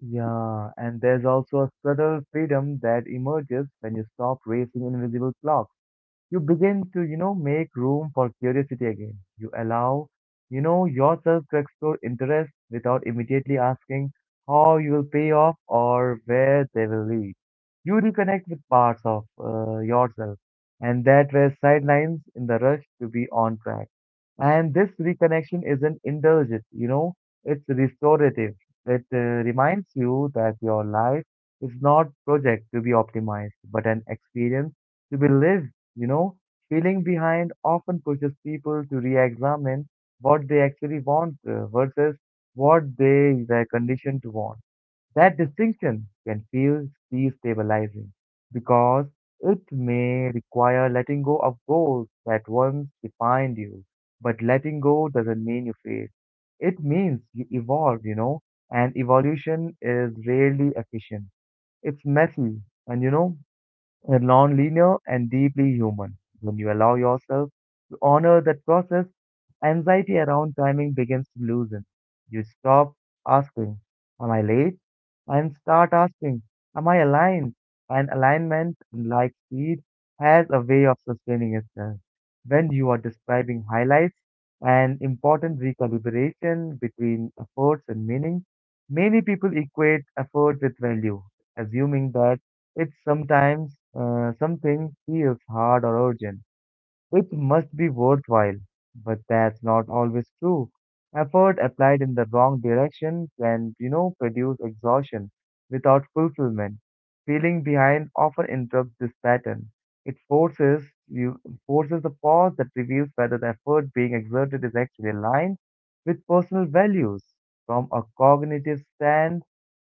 [SPEAKER 2] Yeah, and there's also a subtle freedom that emerges when you stop racing invisible clocks. You begin to, you know, make room for curiosity again. You allow, you know, yourself to explore interests without immediately asking how you will pay off or where they will lead. You reconnect with parts of yourself and that were sidelines in the rush to be on track, and this reconnection isn't indulgent, you know, it's restorative. It reminds you that your life is not project to be optimized but an experience to be lived, you know, feeling behind often pushes people to re examine what they actually want versus what they were conditioned to want. That distinction can feel destabilizing because it may require letting go of goals that once defined you. But letting go doesn't mean you fail. It means you evolve. You know, and evolution is rarely efficient. It's messy, and you know, they're nonlinear and deeply human. When you allow yourself to honor that process, anxiety around timing begins to loosen. You stop asking, "Am I late?" and start asking, "Am I aligned?" And alignment, like speed, has a way of sustaining itself. When you are describing highlights and important recalibration between efforts and meaning, many people equate effort with value, assuming that it's sometimes something feels hard or urgent. It must be worthwhile, but that's not always true. Effort applied in the wrong direction can produce exhaustion without fulfillment. Feeling behind often interrupts this pattern. It forces the pause that reveals whether the effort being exerted is actually aligned with personal values. From a cognitive stand,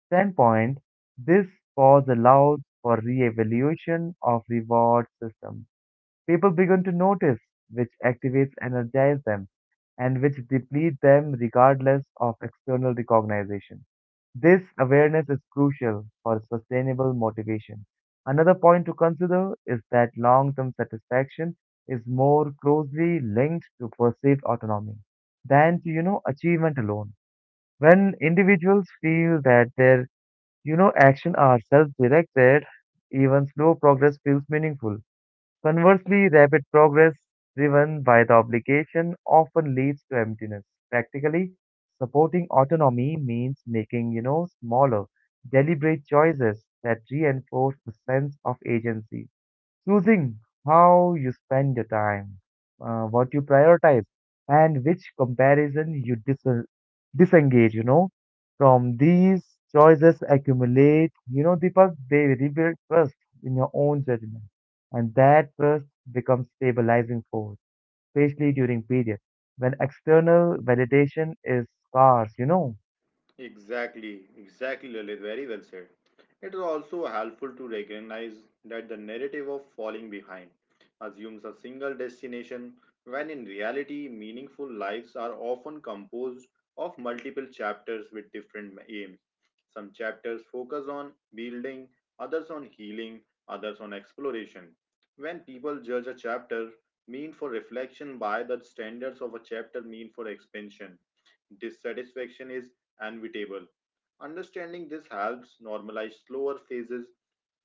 [SPEAKER 2] standpoint, this pause allows for re-evaluation of reward systems. People begin to notice which activates energize them and which deplete them regardless of external recognition. This awareness is crucial for sustainable motivation. Another point to consider is that long term satisfaction is more closely linked to perceived autonomy than to achievement alone. When individuals feel that their action are self directed, even slow progress feels meaningful. Conversely, rapid progress driven by the obligation often leads to emptiness. Practically, supporting autonomy means making smaller, deliberate choices that reinforce the sense of agency choosing how you spend your time, what you prioritize, and which comparison you disengage, from these choices accumulate, Deepak, they rebuild trust in your own judgment. And that trust becomes stabilizing force, especially during periods when external validation is scarce.
[SPEAKER 1] Exactly, exactly, Lalit. Very well said. It is also helpful to recognize that the narrative of falling behind assumes a single destination, when in reality, meaningful lives are often composed of multiple chapters with different aims. Some chapters focus on building, others on healing, others on exploration. When people judge a chapter mean for reflection by the standards of a chapter mean for expansion, dissatisfaction is inevitable. Understanding this helps normalize slower phases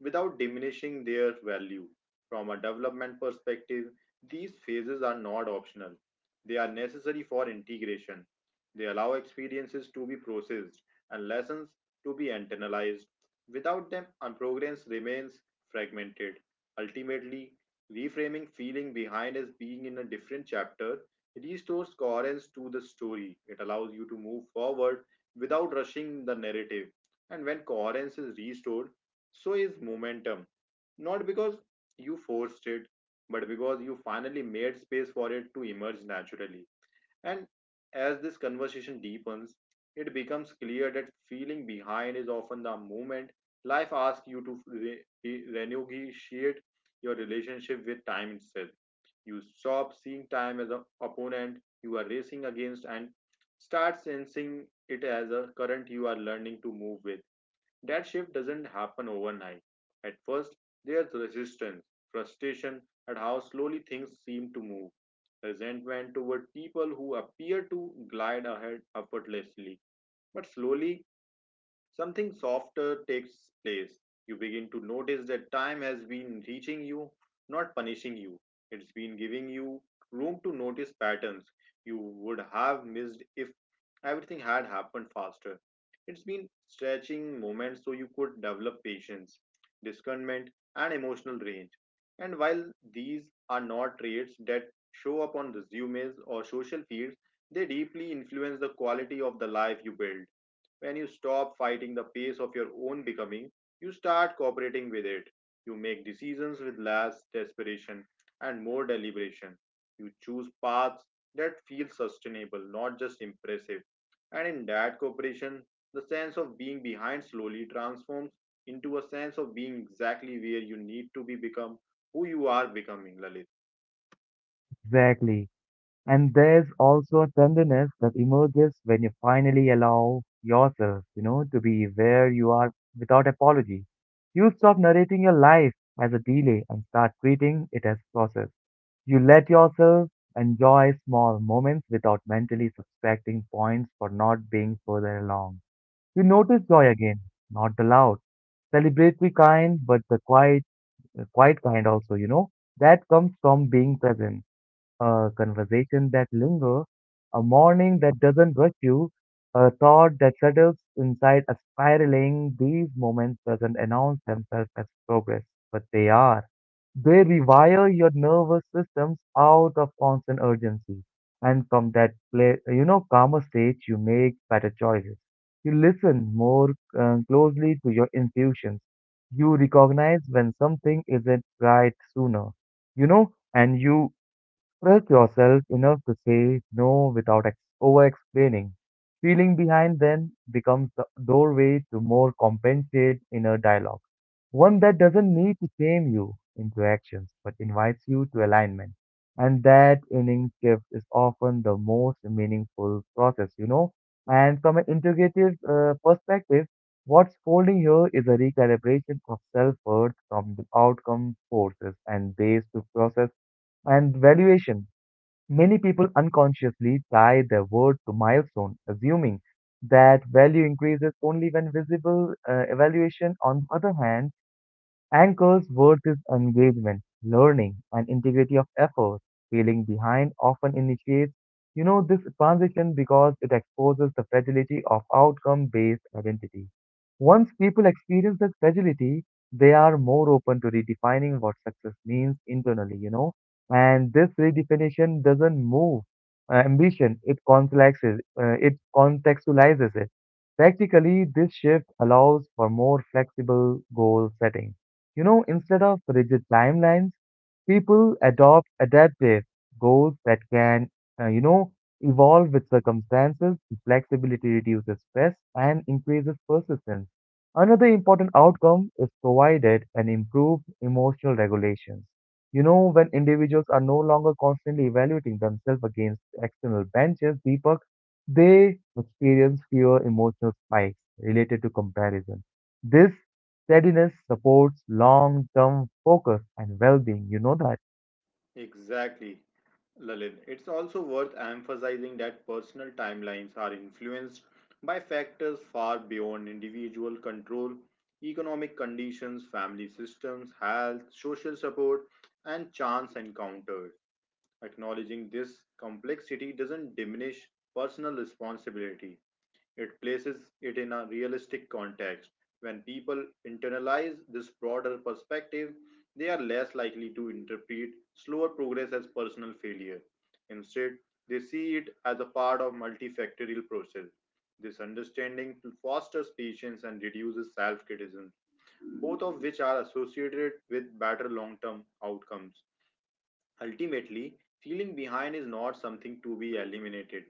[SPEAKER 1] without diminishing their value. From a development perspective, these phases are not optional. They are necessary for integration. They allow experiences to be processed and lessons to be internalized. Without them, our progress remains fragmented. Ultimately, reframing feeling behind as being in a different chapter restores coherence to the story. It allows you to move forward without rushing the narrative. And when coherence is restored, so is momentum. Not because you forced it, but because you finally made space for it to emerge naturally. And as this conversation deepens, it becomes clear that feeling behind is often the moment life asks you to renegotiate your relationship with time itself. You stop seeing time as an opponent you are racing against and start sensing it as a current you are learning to move with. That shift doesn't happen overnight. At first, there's resistance, frustration at how slowly things seem to move, resentment toward people who appear to glide ahead effortlessly. But slowly, something softer takes place. You begin to notice that time has been reaching you, not punishing you. It's been giving you room to notice patterns you would have missed if everything had happened faster. It's been stretching moments so you could develop patience, discernment, and emotional range. And while these are not traits that show up on resumes or social feeds, they deeply influence the quality of the life you build. When you stop fighting the pace of your own becoming, you start cooperating with it. You make decisions with less desperation and more deliberation. You choose paths that feel sustainable, not just impressive. And in that cooperation, the sense of being behind slowly transforms into a sense of being exactly where you need to be become who you are becoming, Lalit.
[SPEAKER 2] Exactly. And there's also a tenderness that emerges when you finally allow yourself to be where you are without apology. You stop narrating your life as a delay and start treating it as process. You let yourself enjoy small moments without mentally subtracting points for not being further along. You notice joy again, not the loud, celebratory kind, but the quiet kind also, that comes from being present a conversation that lingers, a morning that doesn't rush you, a thought that settles inside a spiraling. These moments doesn't announce themselves as progress, but they are. They rewire your nervous systems out of constant urgency. And from that, calmer state, you make better choices. You listen more closely to your intuitions. You recognize when something isn't right sooner. You know, and you trust yourself enough to say no without over explaining. Feeling behind then becomes the doorway to more compensated inner dialogue, one that doesn't need to shame you into actions but invites you to alignment. And that inning shift is often the most meaningful process. And from an integrative perspective, what's folding here is a recalibration of self worth from the outcome forces and ways to process and valuation. Many people unconsciously tie their worth to milestone, assuming that value increases only when visible. Evaluation, on the other hand, anchor's worth is engagement, learning, and integrity of effort. Feeling behind often initiates this transition because it exposes the fragility of outcome-based identity. Once people experience that fragility, they are more open to redefining what success means internally. And this redefinition doesn't move ambition; it contextualizes it. Practically, this shift allows for more flexible goal setting, instead of rigid timelines, people adopt adaptive goals that can, uh, you know, evolve with circumstances. Flexibility reduces stress and increases persistence. Another important outcome is provided an improved emotional regulation. When individuals are no longer constantly evaluating themselves against external benches, Deepak, they experience fewer emotional spikes related to comparison. This steadiness supports long-term focus and well-being. You know that.
[SPEAKER 1] Exactly. Lalit, it's also worth emphasizing that personal timelines are influenced by factors far beyond individual control, economic conditions, family systems, health, social support, and chance encounters. Acknowledging this complexity doesn't diminish personal responsibility, it places it in a realistic context. When people internalize this broader perspective, they are less likely to interpret slower progress as personal failure. Instead, they see it as a part of a multifactorial process. This understanding fosters patience and reduces self-criticism, both of which are associated with better long-term outcomes. Ultimately, feeling behind is not something to be eliminated,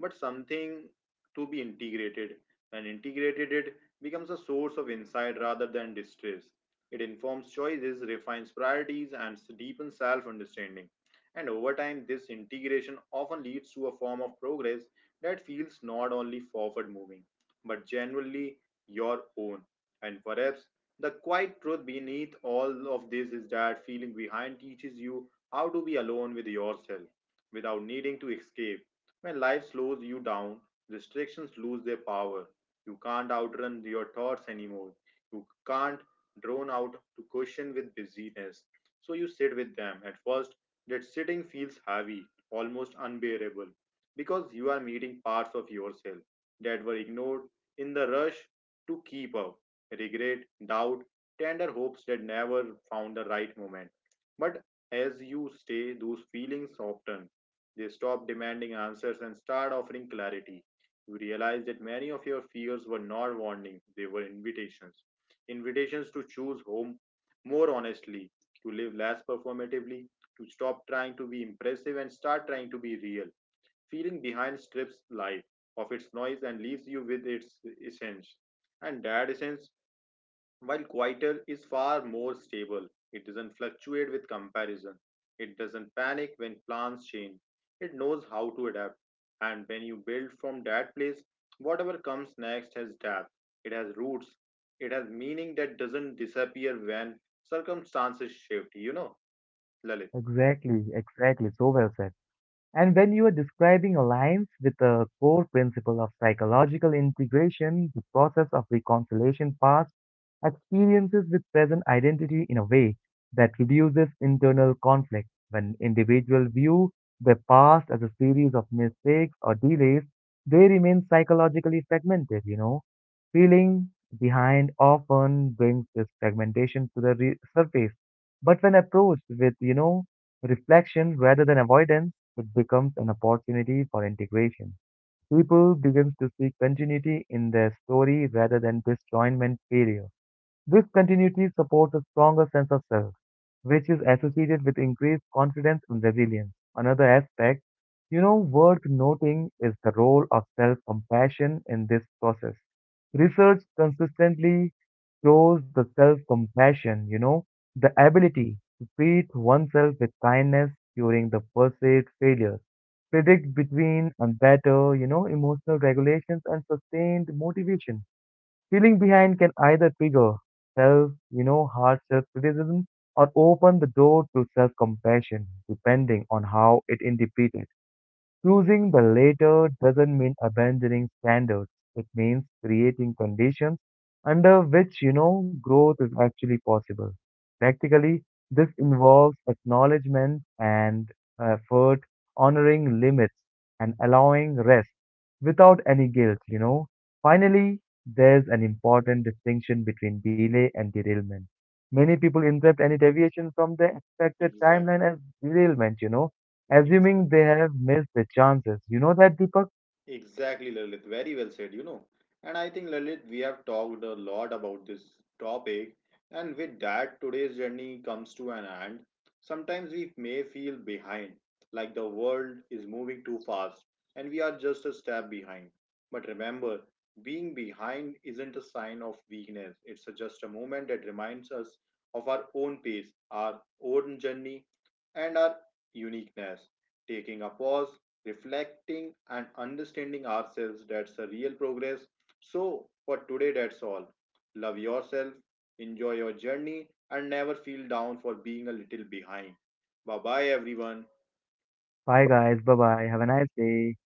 [SPEAKER 1] but something to be integrated. When integrated, it becomes a source of insight rather than distress. It informs choices, refines priorities, and deepens self understanding. And over time, this integration often leads to a form of progress that feels not only forward moving, but genuinely your own. And perhaps the quiet truth beneath all of this is that feeling behind teaches you how to be alone with yourself without needing to escape. When life slows you down, restrictions lose their power. You can't outrun your thoughts anymore. You can't drone out to question with busyness. So you sit with them. At first, that sitting feels heavy, almost unbearable, because you are meeting parts of yourself that were ignored in the rush to keep up. Regret, doubt, tender hopes that never found the right moment. But as you stay, those feelings soften. They stop demanding answers and start offering clarity. You realize that many of your fears were not warnings, they were invitations. Invitations to choose home more honestly, to live less performatively, to stop trying to be impressive and start trying to be real. Feeling behind strips life of its noise and leaves you with its essence. And that essence while quieter is far more stable, it doesn't fluctuate with comparison. It doesn't panic when plans change. It knows how to adapt. And when you build from that place, whatever comes next has depth, it has roots, it has meaning that doesn't disappear when circumstances shift, you know, Lalit.
[SPEAKER 2] Exactly, exactly. So well said. And when you are describing alliance with the core principle of psychological integration, the process of reconciliation past experiences with present identity in a way that reduces internal conflict. When individuals view their past as a series of mistakes or delays, they remain psychologically fragmented. Feeling behind often brings this fragmentation to the surface. But when approached with reflection rather than avoidance, it becomes an opportunity for integration. People begin to see continuity in their story rather than disjointment failure. This continuity supports a stronger sense of self, which is associated with increased confidence and resilience. Another aspect worth noting is the role of self compassion in this process. Research consistently shows the self compassion the ability to treat oneself with kindness during the perceived failures predict between and better emotional regulations and sustained motivation. Feeling behind can either trigger self hard self criticism or open the door to self compassion, depending on how it interpreted. Choosing the latter doesn't mean abandoning standards. It means creating conditions under which growth is actually possible. Practically, this involves acknowledgement and effort, honoring limits, and allowing rest without any guilt. Finally, there's an important distinction between delay and derailment. Many people interpret any deviation from the expected
[SPEAKER 1] Exactly.
[SPEAKER 2] timeline as derailment, you know
[SPEAKER 1] Exactly.
[SPEAKER 2] assuming they have missed the chances. You know that, Deepak?
[SPEAKER 1] Exactly, Lalit. Very well said, you know. And I think, Lalit, we have talked a lot about this topic. And with that, today's journey comes to an end. Sometimes we may feel behind, like the world is moving too fast, and we are just a step behind. But remember, being behind isn't a sign of weakness, it's just a moment that reminds us of our own pace, our own journey, and our uniqueness. Taking a pause, reflecting and understanding ourselves, that's a real progress. So for today, that's all. Love yourself, enjoy your journey, and never feel down for being a little behind. Bye bye everyone.
[SPEAKER 2] Bye, guys. Bye bye. Have a nice day.